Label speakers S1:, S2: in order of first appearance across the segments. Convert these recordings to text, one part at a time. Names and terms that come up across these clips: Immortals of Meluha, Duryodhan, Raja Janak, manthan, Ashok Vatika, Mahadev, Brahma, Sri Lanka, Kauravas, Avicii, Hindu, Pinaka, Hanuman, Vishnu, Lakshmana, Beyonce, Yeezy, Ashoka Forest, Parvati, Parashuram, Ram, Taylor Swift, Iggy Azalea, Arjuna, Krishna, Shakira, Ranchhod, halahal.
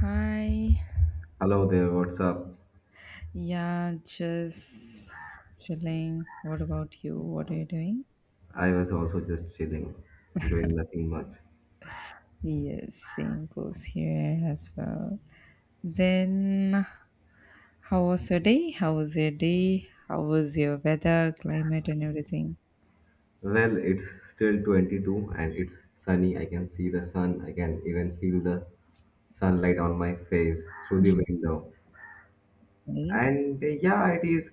S1: Hi.
S2: Hello there, what's up?
S1: Yeah, just chilling. What about you? What are you doing?
S2: I was also just chilling, doing nothing much.
S1: Yes, same goes here as well. Then, how was your day? How was your weather, climate, and everything?
S2: Well, it's still 22 and it's sunny. I can see the sun. I can even feel the sunlight on my face through the window.
S1: Right.
S2: And yeah, it is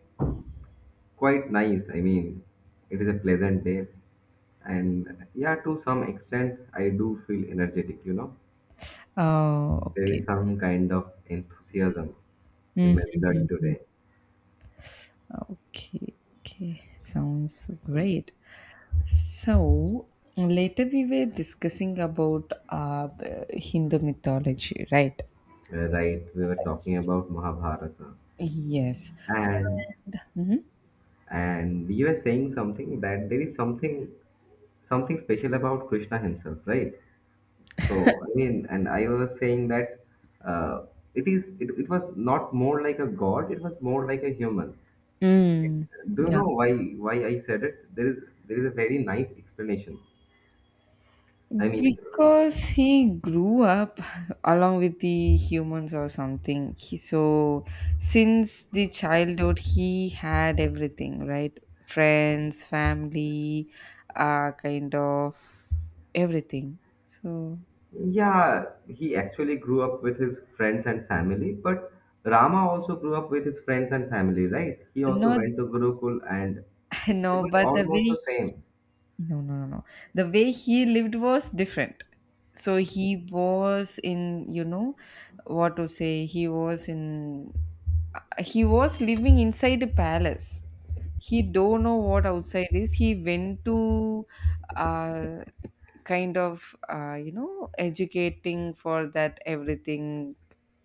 S2: quite nice. I mean, it is a pleasant day. And yeah, to some extent, I do feel energetic, you know.
S1: Oh,
S2: There is
S1: okay.
S2: some kind of enthusiasm in my
S1: Mm,
S2: blood today.
S1: okay, okay. Sounds great. So, later we were discussing about the Hindu mythology, right?
S2: Right, we were talking about Mahabharata.
S1: Yes.
S2: And and you were saying something that there is something special about Krishna himself, right? So I mean, and I was saying that uh, it is it was not more like a god; it was more like a human.
S1: Mm,
S2: Do you
S1: yeah.
S2: know why I said it? There is a very nice explanation. I mean, uh,
S1: Because he grew up along with the humans or something, he, so since the childhood he had everything, right? Friends, family, kind of everything, so...
S2: yeah, he actually grew up with his friends and family, but Rama also grew up with his friends and family, right? He also
S1: No,
S2: went to Gurukul, and it
S1: know,
S2: was
S1: but the
S2: almost
S1: way...
S2: the same.
S1: No, no, no, no. The way he lived was different. So what to say, he was living inside a palace. He don't know what outside is. He went to uh, kind of, you know, educating for that everything,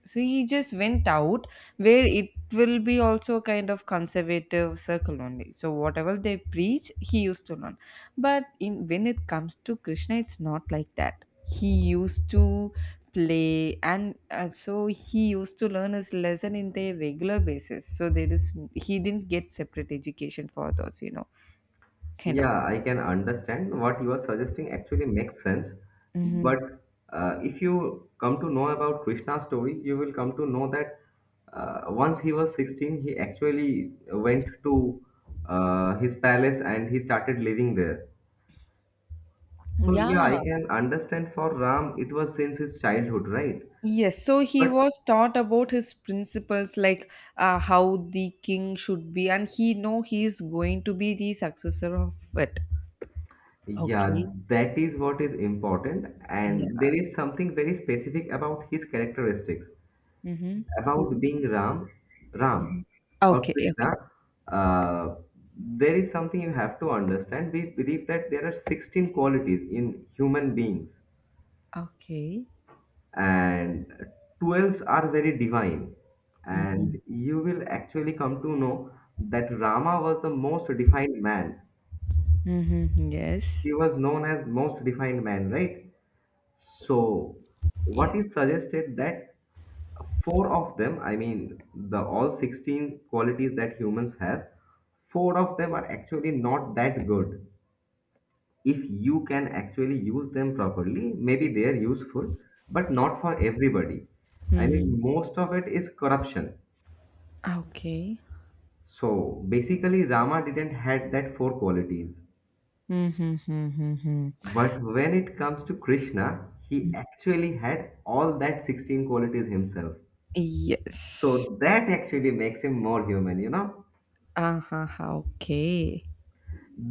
S1: so he just went out where it will be also kind of conservative circle only. So whatever they preach, he used to learn. But in when it comes to Krishna, it's not like that. He used to play and so he used to learn his lesson in their regular basis. So there is he didn't get separate education for those, you know, kind of.
S2: Yeah, I can understand what you are suggesting actually makes sense.
S1: Mhm.
S2: But if you come to know about Krishna's story, you will come to know that once he was 16, he actually went to his palace and he started living there. So, yeah,
S1: Yeah,
S2: I can understand for Ram, it was since his childhood, right?
S1: yes, so he
S2: But
S1: was taught about his principles, like how the king should be, and he know he is going to be the successor of it.
S2: yeah,
S1: Okay.
S2: that is what is important,
S1: Yeah.
S2: and there is something very specific about his characteristics
S1: Mm-hmm.
S2: about
S1: Who?
S2: being Ram,
S1: Mm-hmm.
S2: Ram or
S1: Okay. Okay.
S2: Krishna, uh, there is something you have to understand. We believe that there are 16 qualities in human beings,
S1: Okay.
S2: and 12 are very divine.
S1: Mm-hmm.
S2: And you will actually come to know that Rama was the most defined man.
S1: Mm-hmm. Yes.
S2: He was known as most defined man, right? So, what
S1: Yes.
S2: is suggested that four of them, I mean the all 16 qualities that humans have, four of them are actually not that good. If you can actually use them properly, maybe they are useful, but not for everybody. I mean, most of it is corruption.
S1: Okay.
S2: So basically Rama didn't had that four qualities,
S1: Mm-hmm. Mm-hmm.
S2: but when it comes to Krishna, he actually had all that 16 qualities himself.
S1: Yes.
S2: So that actually makes him more human, you know.
S1: Uh-huh. Okay.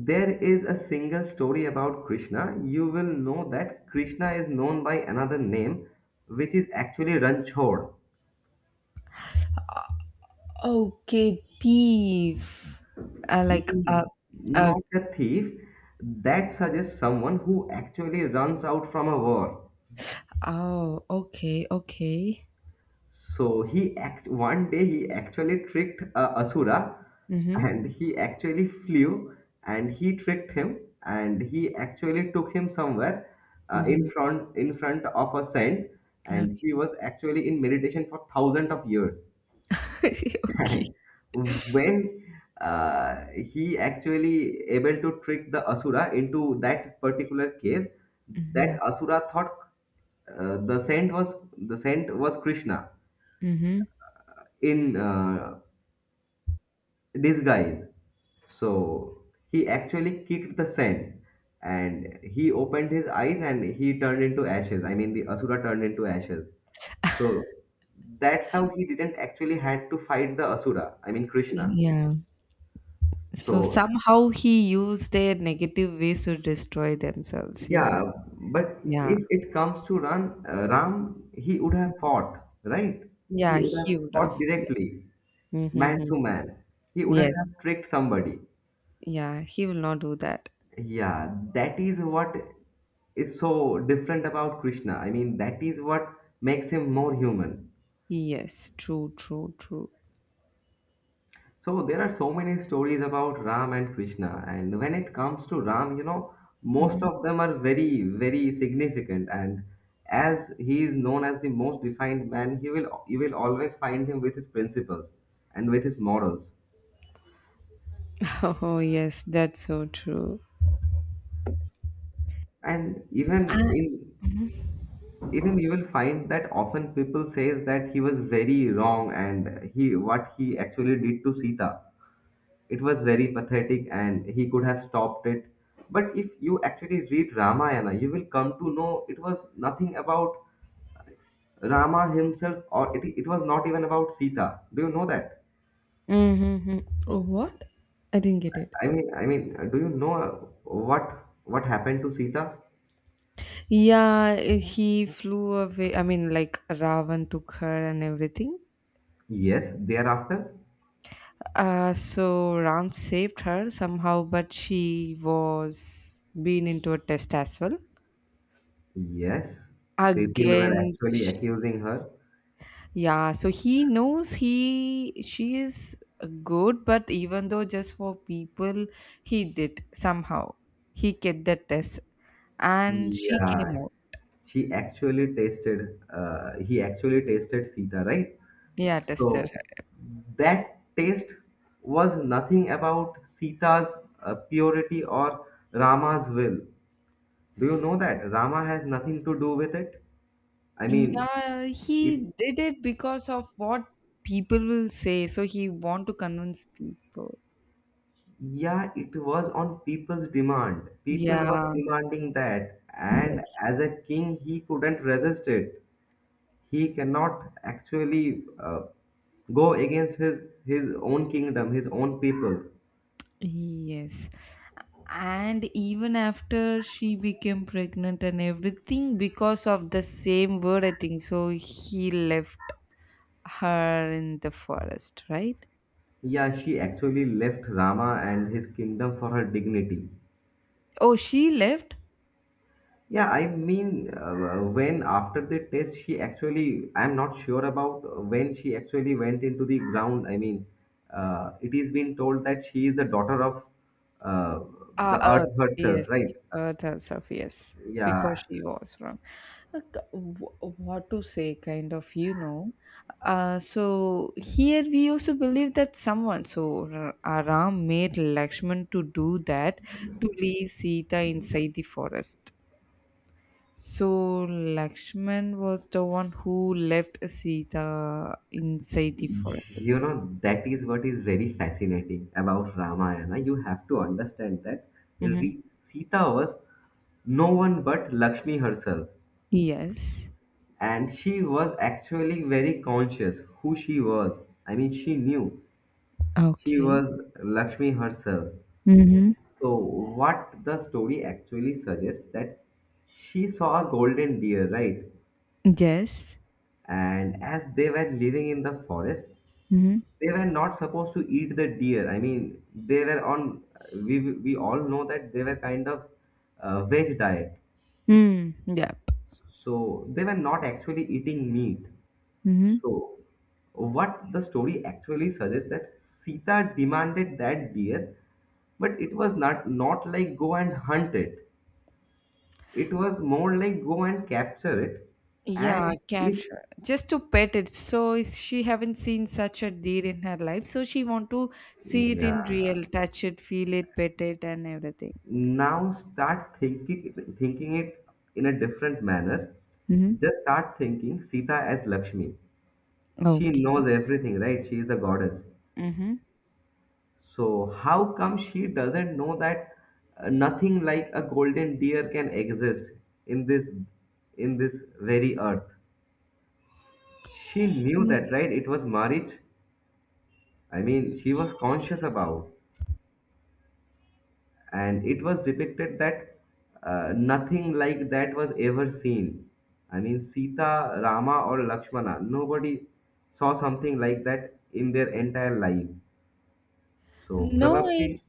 S2: There is a single story about Krishna. You will know that Krishna is known by another name, which is actually Ranchhod.
S1: Okay. Thief. Like
S2: Mm,
S1: uh.
S2: not a thief. That suggests someone who actually runs out from a war.
S1: Oh. Okay. Okay.
S2: So he act one day he actually tricked Asura,
S1: Mhm,
S2: and he actually flew and he tricked him and he actually took him somewhere
S1: mhm.
S2: in front of a saint,
S1: Okay.
S2: and he was actually in meditation for thousands of years.
S1: Okay.
S2: And when he actually able to trick the Asura into that particular cave, that
S1: Mhm,
S2: Asura thought the saint was Krishna
S1: mhm.
S2: in disguise. So he actually kicked the sand and he opened his eyes and he turned into ashes. I mean, the Asura turned into ashes. So that's how he didn't actually had to fight the Asura, I mean, Krishna.
S1: Yeah. So
S2: So
S1: somehow he used their negative ways to destroy themselves.
S2: yeah, but
S1: Yeah.
S2: if it comes to Ram, Ram, he would have fought, right?
S1: Yeah,
S2: He would have
S1: he would
S2: fought
S1: have. Yeah.
S2: directly,
S1: Mm-hmm,
S2: man
S1: mm-hmm.
S2: to man. He wouldn't
S1: Yes.
S2: have tricked somebody.
S1: Yeah, he will not do that.
S2: Yeah, that is what is so different about Krishna. I mean, that is what makes him more human.
S1: Yes, true, true, true.
S2: So there are so many stories about Ram and Krishna, and when it comes to Ram, you know, most
S1: Mhm.
S2: of them are very, very significant. And as he is known as the most defined man, he will, you will always find him with his principles and with his morals.
S1: Oh, yes, that's so true.
S2: And even in Even you will find that often people says that he was very wrong and he what he actually did to Sita, it was very pathetic and he could have stopped it. But if you actually read Ramayana, you will come to know it was nothing about Rama himself, it was not even about Sita. Do you know that?
S1: Mm-hmm. What? I didn't get it.
S2: I mean do you know what happened to Sita?
S1: Yeah, he flew away. I mean, like Ravan took her and everything.
S2: Yes, thereafter,
S1: So Ram saved her somehow, but she was been into a test as well.
S2: yes, people were
S1: Again,
S2: actually accusing her.
S1: yeah. So he knows he she is good, but even though just for people, he did somehow, he kept the test, and she
S2: Yeah,
S1: came out.
S2: she actually tasted. He actually tasted Sita, right?
S1: Yeah, tested
S2: So
S1: her.
S2: that taste was nothing about Sita's purity or Rama's will. Do you know that Rama has nothing to do with it? I mean,
S1: Yeah,
S2: it
S1: he did it because of what people will say. So he want to convince people.
S2: yeah, it was on people's demand. People was
S1: Yeah.
S2: demanding that, and
S1: Yes.
S2: as a king he couldn't resist it. He cannot actually go against his own kingdom, his own people.
S1: Yes. And even after she became pregnant and everything, because of the same word I think so, he left her in the forest, right?
S2: Yeah, she actually left Rama and his kingdom for her dignity.
S1: Oh, she left.
S2: Yeah, I mean, when after the test, she actually, I'm not sure about when she actually went into the ground. I mean, it is being told that she is the daughter of uh, the earth
S1: Earth.
S2: herself,
S1: Yes,
S2: right?
S1: earth herself, yes. Because
S2: Yeah,
S1: she was wrong. Like, what to say, kind of. Here we also believe that someone, so Ram made Lakshman to do that, to leave Sita inside the forest. So Lakshman was the one who left Sita inside the forest
S2: you
S1: itself.
S2: know, that is what is very fascinating about Ramayana. You have to understand that
S1: Mm-hmm.
S2: Sita was no one but Lakshmi herself.
S1: Yes.
S2: And she was actually very conscious who she was. I mean, she knew she
S1: Okay.
S2: was Lakshmi herself.
S1: Mm-hmm.
S2: So, what the story actually suggests, that she saw a golden deer, right?
S1: Yes.
S2: And as they were living in the forest,
S1: Mm-hmm.
S2: they were not supposed to eat the deer. I mean, they were on. We all know that they were kind of veg diet,
S1: Mm, yep.
S2: so they were not actually eating meat.
S1: Mm-hmm.
S2: So, what the story actually suggests, that Sita demanded that deer, but it was not like go and hunt it. It was more like go and capture it,
S1: Yeah,
S2: and if
S1: capture. Just to pet it. So if she haven't seen such a deer in her life. So she want to see it in
S2: yeah,
S1: real, touch it, feel it, pet it, and everything.
S2: now start thinking, thinking it in a different manner.
S1: Mm-hmm.
S2: Just start thinking Sita as Lakshmi. She
S1: Okay.
S2: knows everything, right? She is a goddess.
S1: Mm-hmm.
S2: So how come she doesn't know that nothing like a golden deer can exist in this very earth. She knew that, right? It was marriage. I mean, she was conscious about, and it was depicted that nothing like that was ever seen. I mean, Sita, Rama, or Lakshmana, nobody saw something like that in their entire life. So,
S1: No,
S2: probably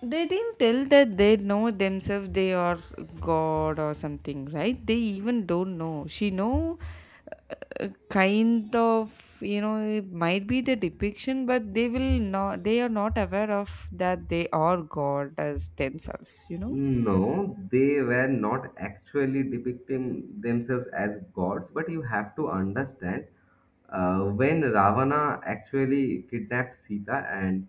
S1: they didn't tell that they know themselves they are God or something, right? They even don't know. She know kind of you know it might be the depiction, but they will not. They are not aware of that they are God as themselves.
S2: no, they were not actually depicting themselves as gods, but you have to understand when Ravana actually kidnapped Sita and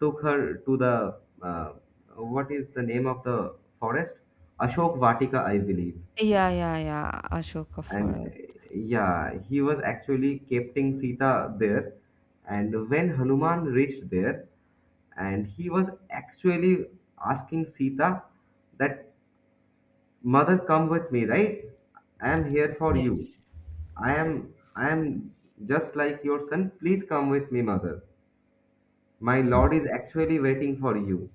S2: took her to the what is the name of the forest? Ashok Vatika, I believe.
S1: Yeah, yeah, yeah. Ashoka
S2: And
S1: Forest.
S2: yeah, he was actually keeping Sita there. And when Hanuman reached there, and he was actually asking Sita that, Mother, come with me, right? I am here for you.
S1: Yes,
S2: I am just like your son. Please come with me, mother. My lord is actually waiting for you.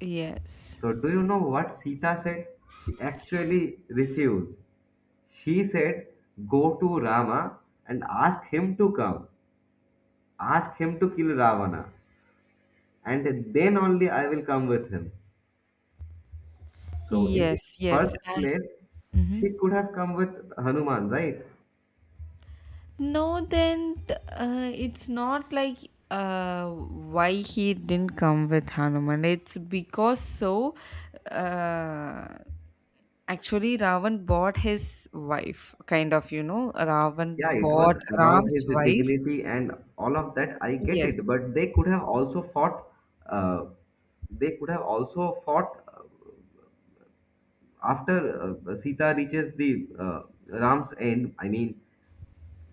S1: yes,
S2: So do you know what Sita said? She actually refused. She said, go to Rama and ask him to come. Ask him to kill Ravana. And then only I will come with him. So in the
S1: yes, yes.
S2: first
S1: I...
S2: place,
S1: Mhm.
S2: she could have come with Hanuman, right?
S1: No, then it's not like why he didn't come with Hanuman. It's because so uh, actually Ravan bought his wife, kind of, you know, Ravan
S2: Yeah, it was
S1: bought
S2: about
S1: Ram's
S2: his
S1: wife.
S2: dignity and all of that. I get
S1: Yes.
S2: it, but they could have also fought. Uh, they could have also fought after Sita reaches the Ram's end. I mean,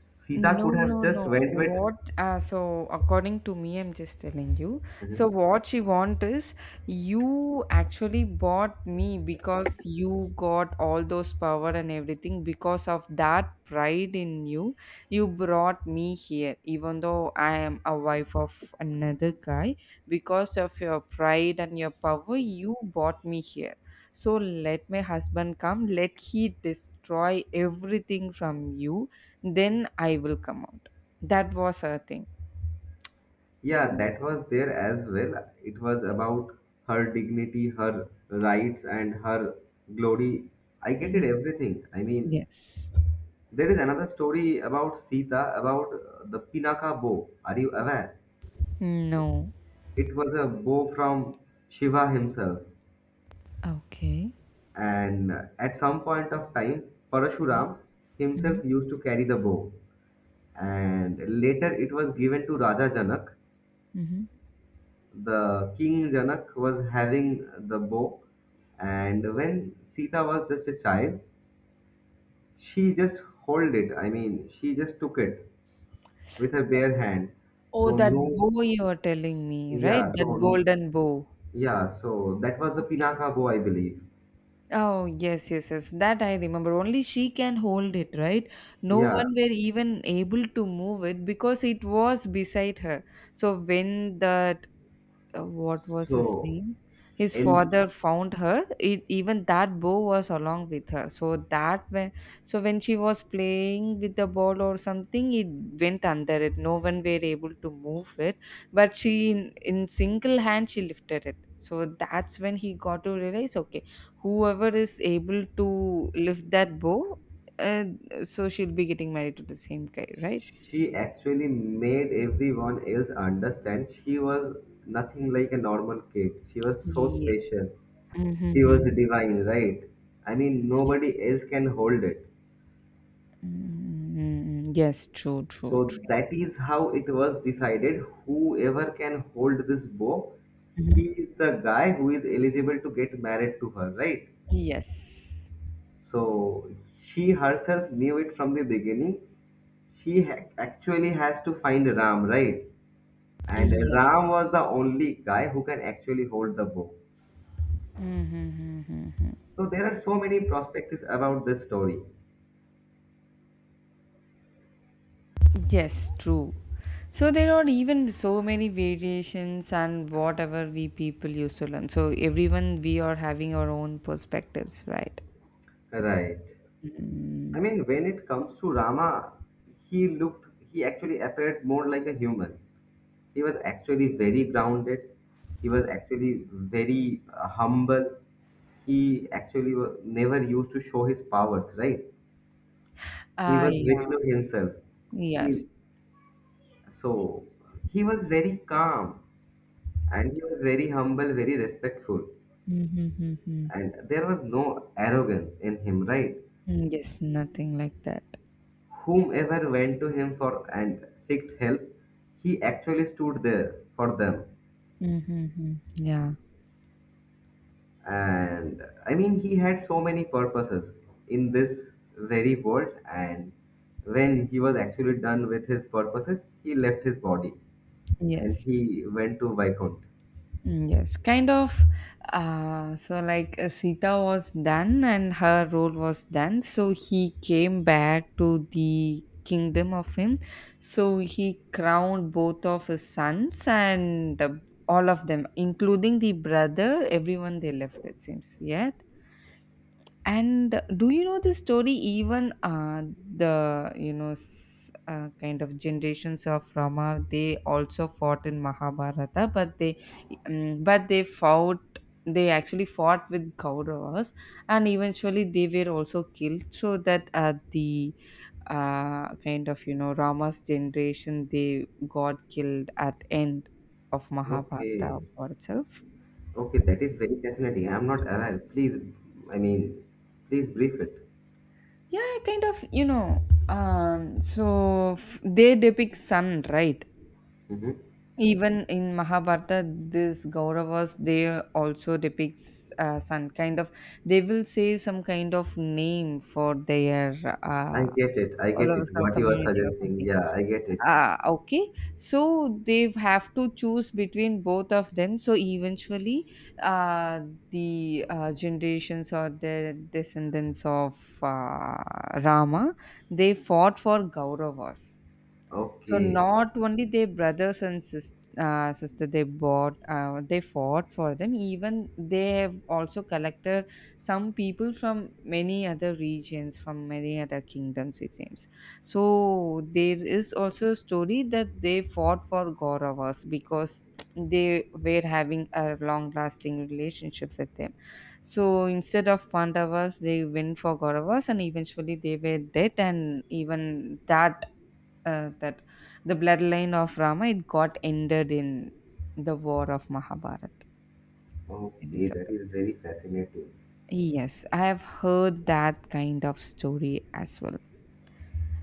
S2: Sita
S1: No,
S2: could have
S1: no, no.
S2: just went with.
S1: What? According to me, I'm just telling you. So,
S2: Mhm.
S1: what she want is, you actually bought me because you got all those power and everything because of that pride in you. You brought me here, even though I am a wife of another guy. Because of your pride and your power, you brought me here. So, let my husband come. Let he destroy everything from you, then I will come out. That was her thing.
S2: Yeah,
S1: Mm,
S2: that was there as well. It was
S1: yes.
S2: about her dignity, her rights, and her glory. I get it,
S1: Mhm.
S2: everything. I mean,
S1: Yes.
S2: there is another story about Sita, about the Pinaka bow. Are you aware?
S1: No.
S2: It was a bow from Shiva himself.
S1: Okay.
S2: And at some point of time, Parashuram himself
S1: Mm-hmm.
S2: used to carry the bow. And later it was given to Raja Janak.
S1: Mm-hmm.
S2: The king Janak was having the bow. And when Sita was just a child, she just hold it. I mean, she just took it with her bare hand.
S1: Oh,
S2: So
S1: that
S2: no,
S1: bow you are telling me, right?
S2: yeah,
S1: That
S2: so
S1: golden bow.
S2: yeah, so that was the
S1: Okay.
S2: Pinaka bow, I believe.
S1: Oh, yes, yes, yes. That I remember. Only she can hold it, right? No
S2: Yeah.
S1: one were even able to move it because it was beside her. So when the what was his
S2: So
S1: name? His
S2: in
S1: father found her. Even that bow was along with her. So that when she was playing with the ball or something, it went under it. No one were able to move it, but in single hand she lifted it. So that's when he got to realize, okay, whoever is able to lift that bow, uh, so she'll be getting married to the same guy, right?
S2: She actually made everyone else understand she was nothing like a normal kid. She was so
S1: Yeah.
S2: special. She was
S1: Mm-hmm.
S2: divine, right? I mean, nobody else can hold it.
S1: Mm, yes, true, true,
S2: So
S1: true.
S2: that is how it was decided, whoever can hold this bow,
S1: Mhm.
S2: he is the guy who is eligible to get married to her, right?
S1: Yes,
S2: So she herself knew it from the beginning. Actually has to find Ram, right? And
S1: yes.
S2: Ram was the only guy who can actually hold the bow.
S1: Mm-hmm.
S2: So there are so many perspectives about this story,
S1: Yes, true. So there are even so many variations and whatever we people used to learn. So everyone we are having our own perspectives, right?
S2: right?
S1: Mm.
S2: I mean, when it comes to Rama, he looked, he actually appeared more like a human. He was actually very grounded. He was actually very humble. He actually never used to show his powers, right? He
S1: Ah,
S2: was
S1: yeah.
S2: Vishnu himself.
S1: Yes.
S2: He so he was very calm and he was very humble, very respectful.
S1: Mm-hmm.
S2: And there was no arrogance in him, right?
S1: Yes, nothing like that.
S2: Whomever went to him for and seeked help, he actually stood there for them.
S1: Mm-hmm. Yeah.
S2: And I mean, he had so many purposes in this very world, and when he was actually done with his purposes, he left his body and
S1: Yes.
S2: he went to Viscount.
S1: Mm, yes, kind of. Like Sita was done and her role was done, so he came back to the kingdom of him. So, he crowned both of his sons and all of them, including the brother, everyone they left, it seems. Yeah, and do you know the story? Even the kind of generations of Rama, they also fought in Mahabharata, but they fought. They actually fought with Kauravas, and eventually they were also killed. So that the kind of you know Rama's generation, they got killed at end of Mahabharata
S2: Okay,
S1: for itself.
S2: okay, that is very fascinating. I'm not aware. Please, I mean, please brief
S1: Yeah, kind of, you know, so they depict sun, right?
S2: it.
S1: Even in Mahabharata, this Kauravas they also depicts sun kind of. They will say some kind of name for their
S2: I
S1: uh
S2: get it. I
S1: all
S2: get
S1: of
S2: it.
S1: us, our
S2: What you are
S1: community or
S2: suggesting.
S1: something.
S2: Yeah, I get it.
S1: Ah, okay. So they have to choose between both of them, so eventually uh, the generations or the descendants of uh, Rama, they fought for Gauravas. So
S2: Okay.
S1: not only their brothers and sister, they bought they fought for them, even they have also collected some people from many other regions, from many other kingdoms, it seems. So there is also a story that they fought for Kauravas because they were having a long lasting relationship with them. So instead of Pandavas they went for Kauravas, and eventually they were dead, and even that the bloodline of Rama it got ended in the war of Mahabharata in this
S2: Okay,
S1: episode.
S2: that is very fascinating.
S1: Yes, I have heard that kind of story as well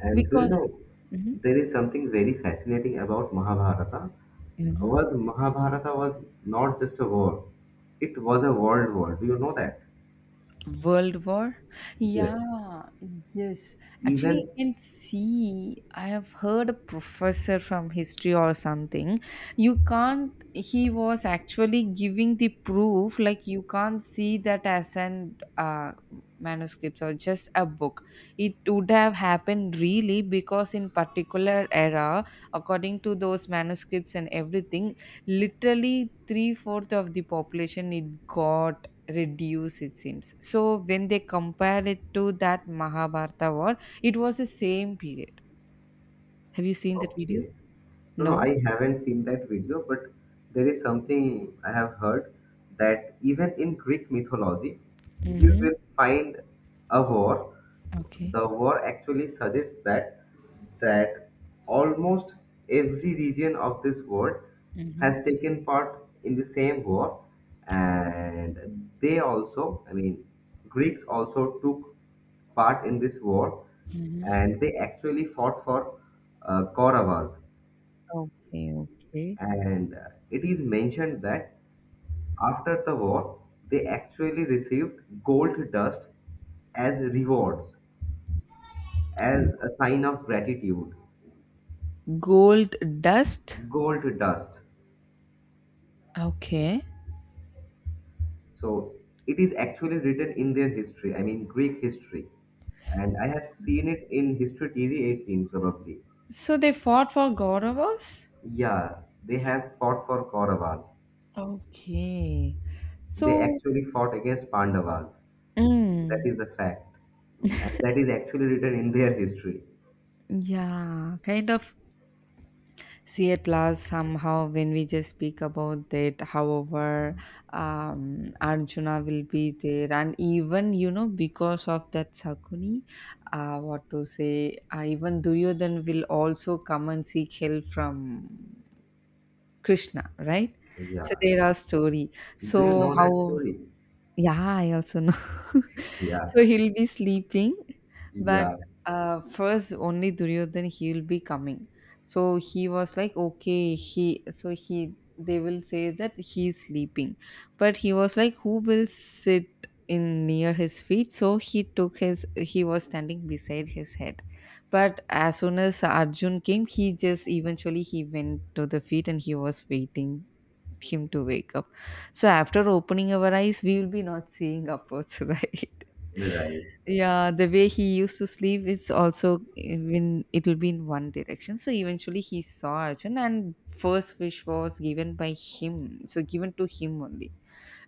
S2: And do you
S1: because...
S2: know,
S1: Mhm.
S2: there is something very fascinating about Mahabharata.
S1: Mhm.
S2: Was Mahabharata was not just a war. It was a world war. Do you know that?
S1: World War?
S2: Yes.
S1: Yeah, yes. Actually,
S2: Even
S1: I can see, I have heard a professor from history or something. You can't, he was actually giving the proof, like, you can't see that as an manuscripts or just a book. It would have happened really because, in particular era, according to those manuscripts and everything, literally 3/4 of the population it got reduce, it seems. So when they compare it to that Mahabharata war, it was the same period. Have you seen that video?
S2: okay. No, no,
S1: No.
S2: I haven't seen that video, but there is something I have heard that even in Greek mythology, you
S1: Mm-hmm.
S2: will find a war.
S1: Okay.
S2: The war actually suggests that that almost every region of this world
S1: Mm-hmm.
S2: has taken part in the same war, and they also, I mean, Greeks also took part in this war,
S1: Mm-hmm.
S2: and they actually fought for Kauravas.
S1: Okay, okay.
S2: And it is mentioned that after the war they actually received gold dust as rewards, as a sign of gratitude.
S1: Gold dust.
S2: Gold dust.
S1: Okay.
S2: So it is actually written in their history, I mean Greek history, and I have seen it in History TV 18 probably.
S1: So they fought for Gauravas.
S2: Yeah, they have fought for Kauravas.
S1: Okay.
S2: They
S1: So,
S2: actually fought against Pandavas. That
S1: mm,
S2: is a fact, and that is actually written in their history.
S1: yeah, kind of. See, at last, somehow, when we just speak about that, however, Arjuna will be there, and even you know, because of that Sakuni, what to say, even Duryodhan will also come and seek help from Krishna, right?
S2: Yeah.
S1: So there are story.
S2: Do you
S1: So
S2: know that
S1: how...
S2: story?
S1: yeah, I also know.
S2: Yeah,
S1: So he'll be sleeping, but
S2: yeah,
S1: first only Duryodhan he'll be coming. So he was like, okay, he so he they will say that he's sleeping, but he was like, who will sit in near his feet? So he took his, he was standing beside his head, but as soon as Arjun came, he just eventually he went to the feet and he was waiting him to wake up. So after opening our eyes, we will be not seeing upwards, right?
S2: right.
S1: Yeah, the way he used to sleep, it's also when it'll be in one direction. So eventually he saw Arjun, and first wish was given by him, so given to him only.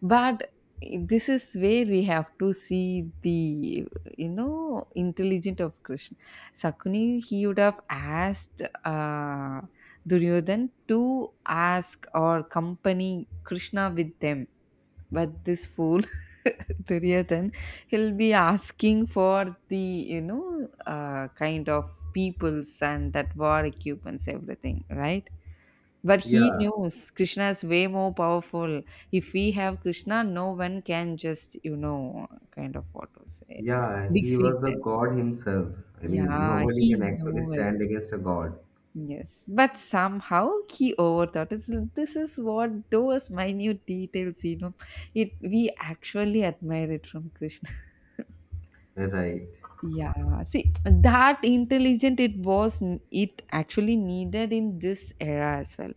S1: But this is where we have to see the intelligent of Krishna. Sakuni he would have asked Duryodhan to ask or company Krishna with them. But this fool, Duryodhan, he'll be asking for the, you know, kind of peoples and that war equipments, everything, right? But he
S2: Yeah,
S1: knows Krishna is way more powerful. If we have Krishna, no one can just, you know, kind of what to say,
S2: yeah, he
S1: defeat
S2: was a
S1: them.
S2: god himself. I mean,
S1: Yeah,
S2: nobody
S1: he
S2: can actually
S1: knows.
S2: stand against a god.
S1: Yes, but somehow he overthought. This is what those minute details, you know, it we actually admire it from Krishna.
S2: Right.
S1: Yeah, see that intelligent it was. It actually needed in this era as well.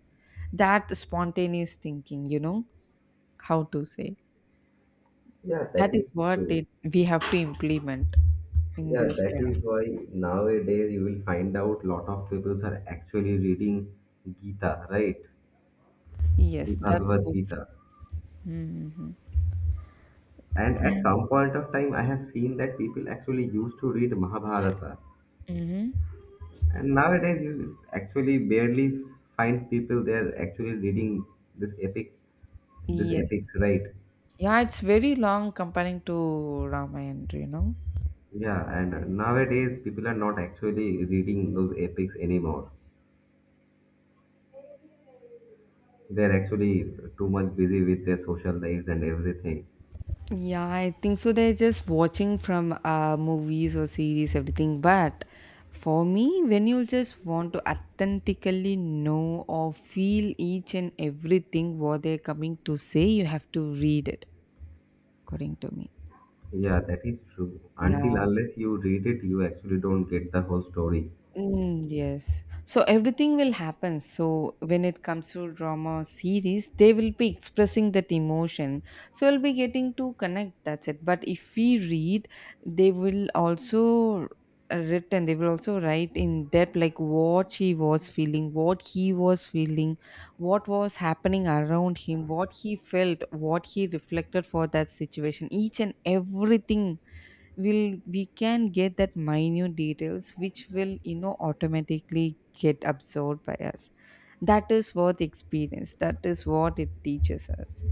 S1: That spontaneous thinking, you know, how to say
S2: Yeah, that
S1: that is
S2: is
S1: what
S2: true.
S1: it we have to implement in
S2: Yeah,
S1: this
S2: that
S1: era.
S2: is why nowadays you will find out lot of people are actually reading Gita, right? The
S1: Yes, that's
S2: Bhagavad
S1: so
S2: Gita. And at some point of time, I have seen that people actually used to read Mahabharata.
S1: true. Mhm.
S2: And nowadays, you actually barely find people there actually reading this epic, this
S1: Yes,
S2: epics, right?
S1: yes. Yeah, it's very long comparing to Ramayana, you know.
S2: Yeah, and nowadays people are not actually reading those epics anymore. They're actually too much busy with their social lives and everything.
S1: Yeah, I think so. They're just watching from movies or series, everything. But for me, when you just want to authentically know or feel each and everything what they're coming to say, you have to read it, according to me.
S2: Yeah, that is true. Until
S1: Yeah.
S2: unless you read it, you actually don't get the whole story.
S1: Yes. So everything will happen. So when it comes to drama series, they will be expressing that emotion. So we'll be getting to connect. That's it. But if we read, they will also written. They will also write in depth, like what she was feeling, what he was feeling, what was happening around him, what he felt, what he reflected for that situation. Each and everything will we can get that minute details which will automatically get absorbed by us, that is what experience, that is what it teaches us.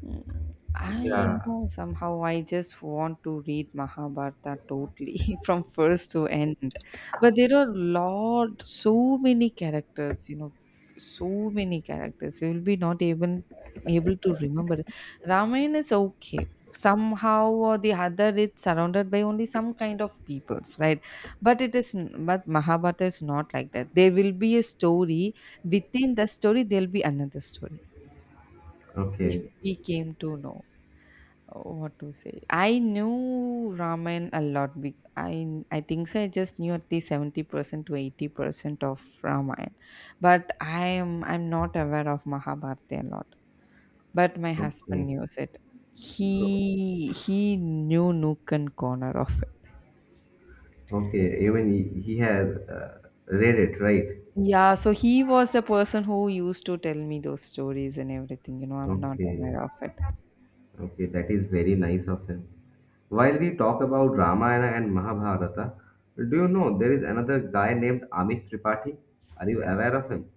S1: I, you
S2: Yeah.
S1: know, somehow I just want to read Mahabharata totally from first to end. But there are lot so many characters, you know, so many characters. We will be not even able to remember. Ramayana is okay. Somehow or the other it's surrounded by only some kind of peoples, right? But but Mahabharata is not like that. There will be a story. Within the story there'll be another story. If
S2: Okay.
S1: we came to know what to say, I knew Ramen a lot, I think so, I just knew at least 70% to 80% of Raman, but I'm not aware of Mahabharata a lot, but my
S2: Okay.
S1: husband knows it. He knew nook and corner of it.
S2: Okay. Even he has read it, right?
S1: Yeah, so he was the person who used to tell me those stories and everything, you know, I'm not aware
S2: Okay.
S1: of it.
S2: Okay, that is very nice of him. While we talk about Ramayana and Mahabharata, do you know there is another guy named Amish Tripathi? Are you aware of him?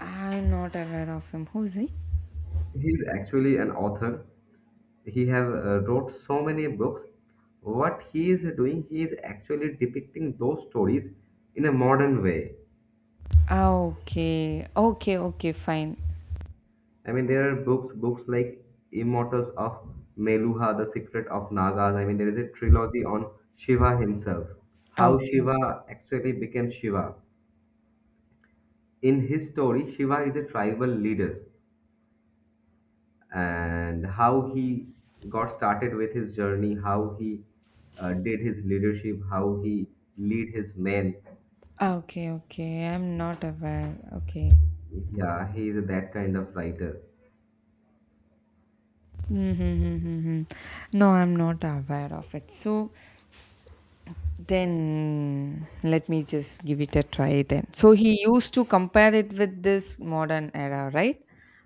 S1: I'm not aware of him, who's he?
S2: He is actually an author. He have wrote so many books. What he is doing, he is actually depicting those stories in a modern way.
S1: Ah, okay, okay, okay, fine.
S2: I mean, there are books, books like Immortals of Meluha, The Secret of Nagas. I mean, there is a trilogy on Shiva himself, how
S1: Okay.
S2: Shiva actually became Shiva. In his story, Shiva is a tribal leader, and how he got started with his journey, how he did his leadership, how he lead his men.
S1: Ah, okay, okay. I'm not aware. Okay.
S2: Yeah, he is that kind of writer.
S1: Mm-hmm. No, I'm not aware of it. So then let me just give it a try then. So he used to compare it with this modern era, right?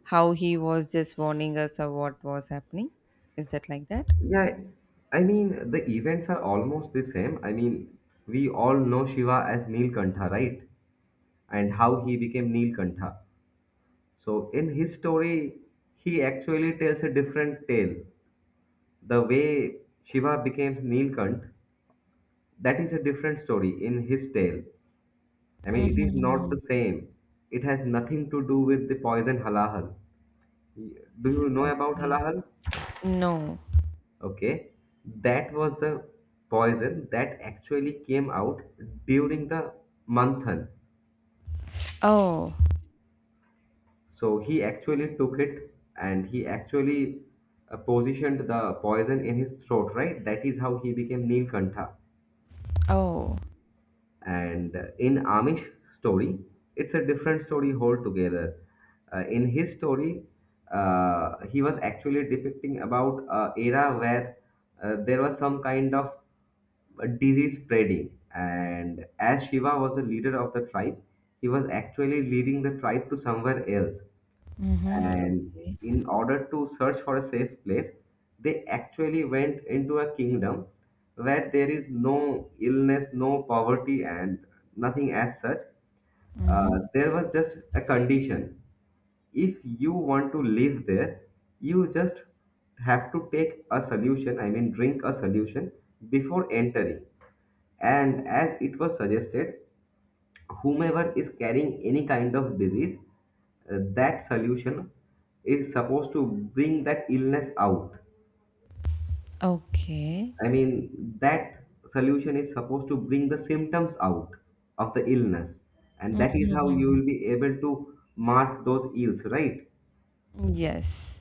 S1: How he was just warning us of what was happening. Is that like that?
S2: Yeah, I mean the events are almost the same. I mean we all know Shiva as Neelkantha, right? And how he became Neelkantha. So in his story, he actually tells a different tale. The way Shiva becomes Neelkant, that is a different story in his tale. I mean, it is not
S1: Mm-hmm.
S2: the same. It has nothing to do with the poison halahal. Do you know about
S1: Okay.
S2: halahal?
S1: No.
S2: Okay, that was the poison that actually came out during the manthan.
S1: Oh.
S2: So he actually took it and he actually positioned the poison in his throat, right? That is how he became Neelkantha.
S1: Oh.
S2: And in Amish story, it's a different story altogether. In his story, he was actually depicting about a era where there was some kind of disease spreading, and as Shiva was the leader of the tribe, he was actually leading the tribe to somewhere else,
S1: Mm-hmm.
S2: and
S1: Okay.
S2: in order to search for a safe place they actually went into a kingdom where there is no illness, no poverty and nothing as such.
S1: Mm-hmm.
S2: There was just a condition: if you want to live there, you just have to take a solution, I mean drink a solution before entering. And as it was suggested, whomever is carrying any kind of disease, that solution is supposed to bring that illness out.
S1: Okay.
S2: I mean, that solution is supposed to bring the symptoms out of the illness, and that is how you
S1: Mm-hmm.
S2: will be able to mark those ills, right?
S1: Yes.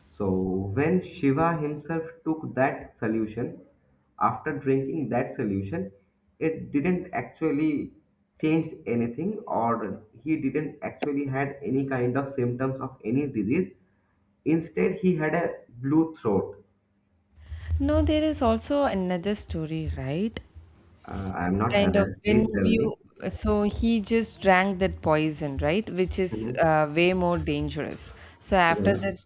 S2: So, when Shiva himself took that solution, after drinking that solution, it didn't actually changed anything or he didn't actually had any kind of symptoms of any disease. Instead, he had a blue throat.
S1: No, there is also another story, right?
S2: I'm not
S1: Kind of
S2: aware.
S1: when
S2: Please tell me.
S1: you, so he just drank that poison, right? Which is
S2: Mhm.
S1: way more dangerous. So after
S2: Right.
S1: that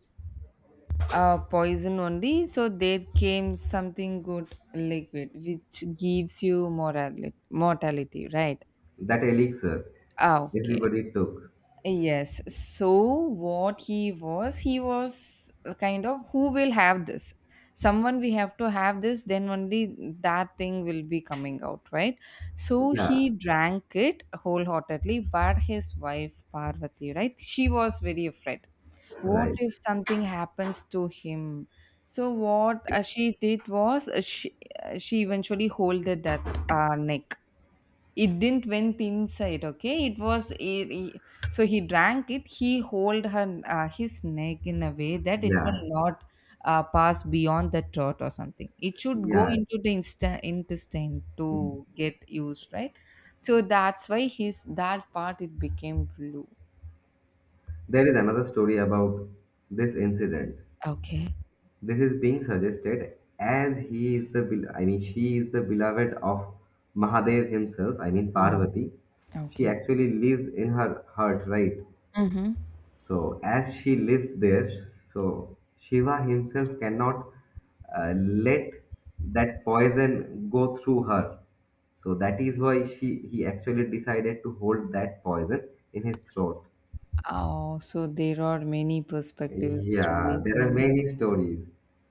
S1: poison only, so there came something good liquid which gives you morality, mortality, right?
S2: That elixir
S1: Ah, okay.
S2: everybody took.
S1: Yes. So what he was kind of who will have this? Someone we have to have this, then only that thing will be coming out, right? So he
S2: Yeah.
S1: drank it wholeheartedly, but his wife Parvati, right? She was very afraid. What
S2: Right.
S1: if something happens to him? So what she did was she eventually holded that neck, it didn't went inside, okay, it was so he drank it, he hold her his neck in a way that it will
S2: Yeah.
S1: not pass beyond the throat or something, it should go
S2: Yeah.
S1: into the intestine to get used, right? So that's why his that part it became blue.
S2: There is another story about this incident.
S1: Okay.
S2: This is being suggested as he is the, bel- I mean, she is the beloved of Mahadev himself, I mean,
S1: Hmm,
S2: Parvati. She
S1: okay.
S2: actually lives in her heart, right?
S1: Mm-hmm.
S2: So, as she lives there, so Shiva himself cannot let that poison go through her. So, that is why he actually decided to hold that poison in his throat.
S1: Oh, so there are many perspectives,
S2: Yeah,
S1: stories and
S2: there are
S1: everything,
S2: many stories.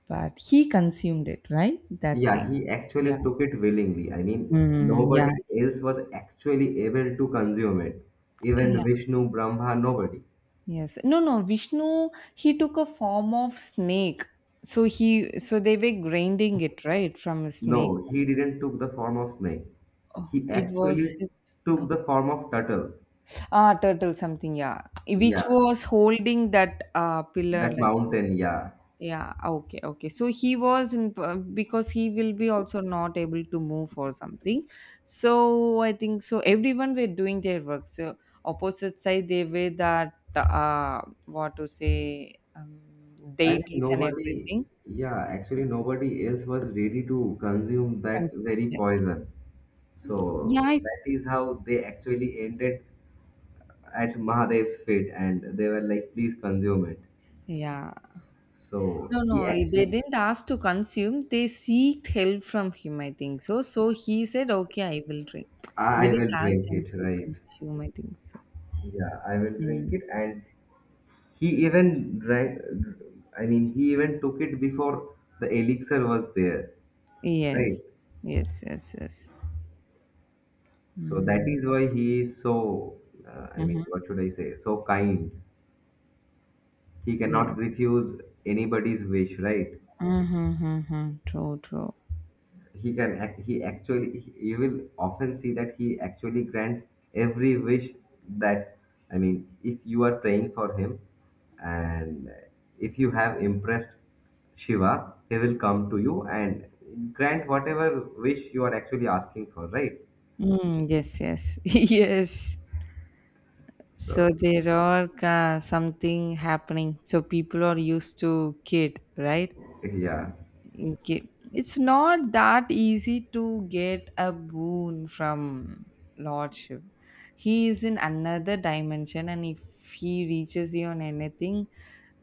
S1: but he consumed it, right, that
S2: Yeah,
S1: thing?
S2: he actually
S1: Yeah.
S2: took it willingly. I mean,
S1: Yeah.
S2: nobody else was actually able to consume it. Even Vishnu, Brahma, nobody.
S1: Yes. No, no. Vishnu, he took a form of snake. So he, so they were grinding it, right, from a snake.
S2: No, he didn't took the form of snake. He
S1: It was
S2: actually
S1: his,
S2: took the form of turtle.
S1: ah, turtle something, yeah, which
S2: Yeah,
S1: was holding that pillar
S2: that
S1: like,
S2: mountain, yeah.
S1: yeah, okay, okay. So he was in, because he will be also not able to move or something. So I think so. Everyone were doing their work. So opposite side, they were that, what to say,
S2: I mean,
S1: deities and
S2: nobody,
S1: everything.
S2: yeah, actually nobody else was ready to consume that
S1: Cons
S2: very
S1: yes.
S2: poison.
S1: Yeah,
S2: So
S1: I,
S2: that is how they actually ended at Mahadev's feet and they were like, please consume it.
S1: yeah. No,
S2: So he
S1: no, they
S2: actually,
S1: didn't ask to consume. They seeked help from him, I think so. So he said, "Okay, I will drink." They
S2: I will
S1: didn't ask
S2: drink
S1: him
S2: it,
S1: to
S2: right?
S1: consume, I think so.
S2: Yeah, I will drink
S1: Mm.
S2: it. And he even drank, I mean, he even took it before the elixir was there, right?
S1: Yes. Yes, yes, yes.
S2: So that
S1: Mm.
S2: is why he is so, I mean,
S1: Mhm.
S2: what should I say? So kind. He cannot
S1: Yes.
S2: refuse anybody's wish, right?
S1: Mm-hmm, mm-hmm. True, true.
S2: He can he actually you will often see that he actually grants every wish that I mean if you are praying for him and if you have impressed Shiva, he will come to you and grant whatever wish you are actually asking for, right?
S1: Yes, yes, yes. So
S2: So
S1: there are something happening. So people are used to kid, right?
S2: yeah.
S1: Okay. It's not that easy to get a boon from Lordship. He is in another dimension, and if he reaches you on anything,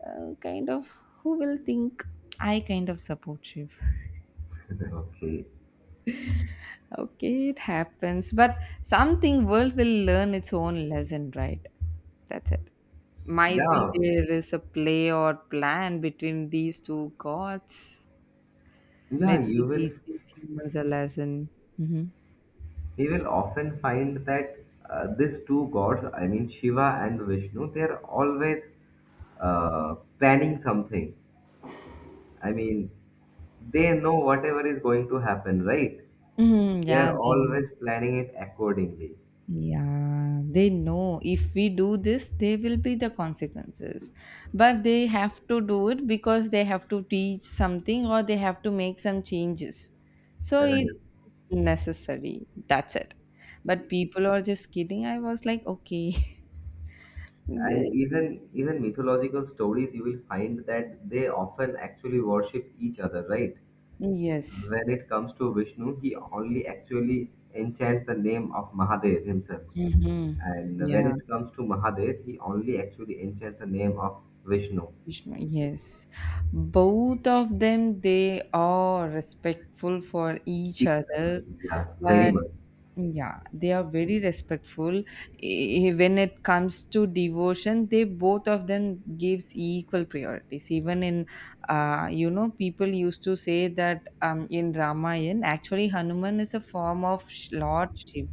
S1: kind of who will think I kind of support Shiv?
S2: Okay.
S1: Okay, it happens, but something world will learn its own lesson, right? That's it. Might be
S2: Yeah,
S1: there is a play or plan between these two gods.
S2: yeah,
S1: Let me
S2: you will,
S1: teach these humans a lesson. Hmm.
S2: we will often find that these two gods, I mean Shiva and Vishnu, they are always planning something. I mean, they know whatever is going to happen, right?
S1: Mhm,
S2: They
S1: yeah,
S2: are
S1: they know.
S2: always planning it accordingly,
S1: Yeah, they know if we do this, there will be the consequences. But they have to do it because they have to teach something or they have to make some changes. So it's
S2: right?
S1: necessary. That's it. But people are just kidding. I was like, okay.
S2: And
S1: The-
S2: even mythological stories, you will find that they often actually worship each other, right?
S1: yes.
S2: When it comes to Vishnu, he only actually enchants the name of Mahadev himself.
S1: Mm-hmm.
S2: And when
S1: Yeah.
S2: it comes to Mahadev, he only actually enchants the name of Vishnu.
S1: Krishna, yes. Both of them, they are respectful for each other.
S2: Yeah, very
S1: But
S2: much.
S1: yeah, they are very respectful. Eh, when it comes to devotion, they both of them gives equal priorities. Even in, you know, people used to say that in Ramayana, actually Hanuman is a form of Lord Shiv,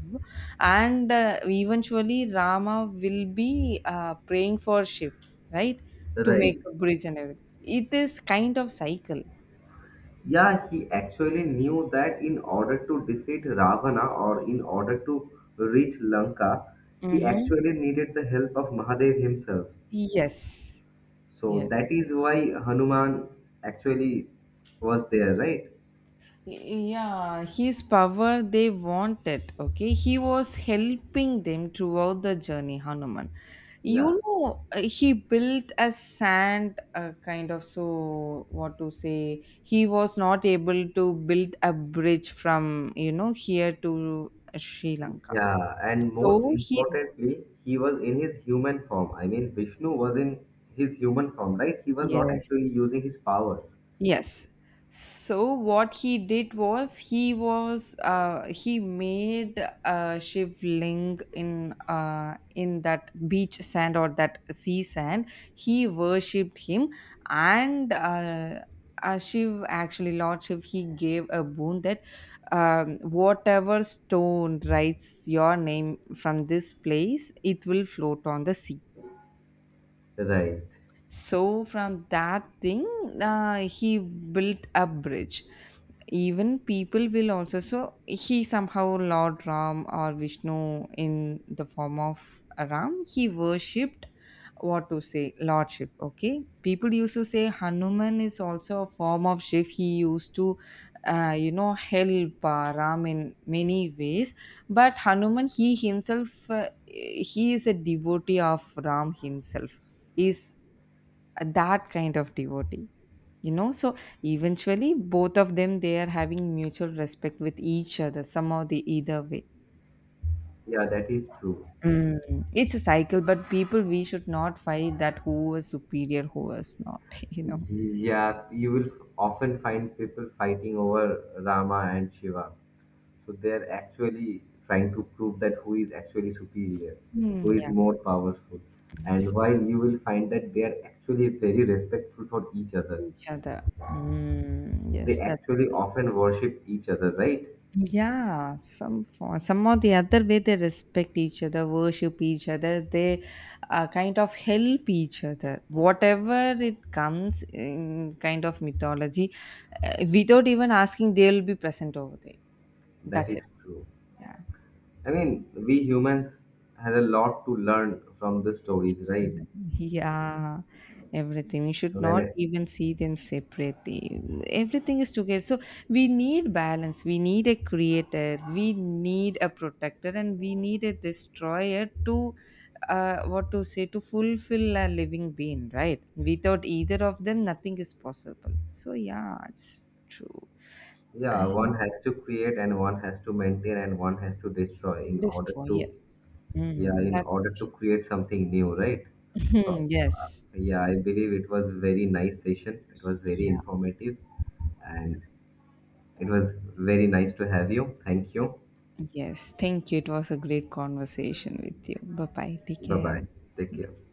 S1: and eventually Rama will be praying for Shiv, right, to
S2: Right.
S1: make a bridge and everything. It is kind of cycle.
S2: Yeah, he actually knew that in order to defeat Ravana or in order to reach Lanka, he
S1: Mm-hmm.
S2: actually needed the help of Mahadev himself.
S1: Yes.
S2: So
S1: Yes.
S2: that is why Hanuman actually was there, right?
S1: Yeah, his power they wanted. Okay, he was helping them throughout the journey, Hanuman.
S2: Yeah.
S1: You know, he built a sand kind of, so what to say. He was not able to build a bridge from you know here to Sri Lanka.
S2: Yeah, and most
S1: So he,
S2: importantly, he was in his human form. I mean, Vishnu was in his human form, right? He was not
S1: yes,
S2: actually using his powers.
S1: yes. So what he did was he made a shivling in that beach sand or that sea sand. He worshipped him, and Shiv, actually Lord Shiv, he gave a boon that whatever stone writes your name from this place, it will float on the sea,
S2: Right.
S1: so from that thing, he built a bridge. Even people will also, so he somehow Lord Ram or Vishnu in the form of Ram he worshipped, what to say, lordship, okay, people used to say Hanuman is also a form of Shiv. He used to you know help Ram in many ways, but Hanuman, he himself he is a devotee of Ram himself, is that kind of devotee, you know. So eventually both of them, they are having mutual respect with each other, somehow, the either way.
S2: Yeah, that is true.
S1: Mm. It's a cycle, but people we should not fight that who is superior who is not. You know,
S2: Yeah, you will often find people fighting over Rama and Shiva. So they're actually trying to prove that who is actually superior,
S1: mm,
S2: who is
S1: yeah,
S2: more powerful.
S1: yes,
S2: And while you will find that they are actually very respectful for each other,
S1: each other, mm,
S2: they
S1: yes. That.
S2: actually often worship each other, right?
S1: Yeah, some for some or the other way they respect each other, worship each other, they kind of help each other. Whatever it comes in kind of mythology, without even asking, they will be present over there.
S2: That
S1: That's it.
S2: is true.
S1: Yeah.
S2: I mean, we humans has a lot to learn from the stories, right?
S1: Yeah, everything. We should not
S2: When
S1: even see them separately. Everything is together. So we need balance. We need a creator. We need a protector, and we need a destroyer to, what to say, to fulfill a living being. Right? Without either of them, nothing is possible. So yeah, it's true.
S2: yeah, one
S1: And
S2: has to create and one has to maintain and one has to destroy in order to
S1: destroyers.
S2: yeah, in
S1: That's
S2: order to create something new, right? So
S1: it. Yes.
S2: yeah, I believe it was very nice session. It was very
S1: Yeah.
S2: informative and it was very nice to have you. Thank you.
S1: Yes, thank you. It was a great conversation with you. Bye bye. Take
S2: Bye
S1: care.
S2: bye. Take care.
S1: Yes.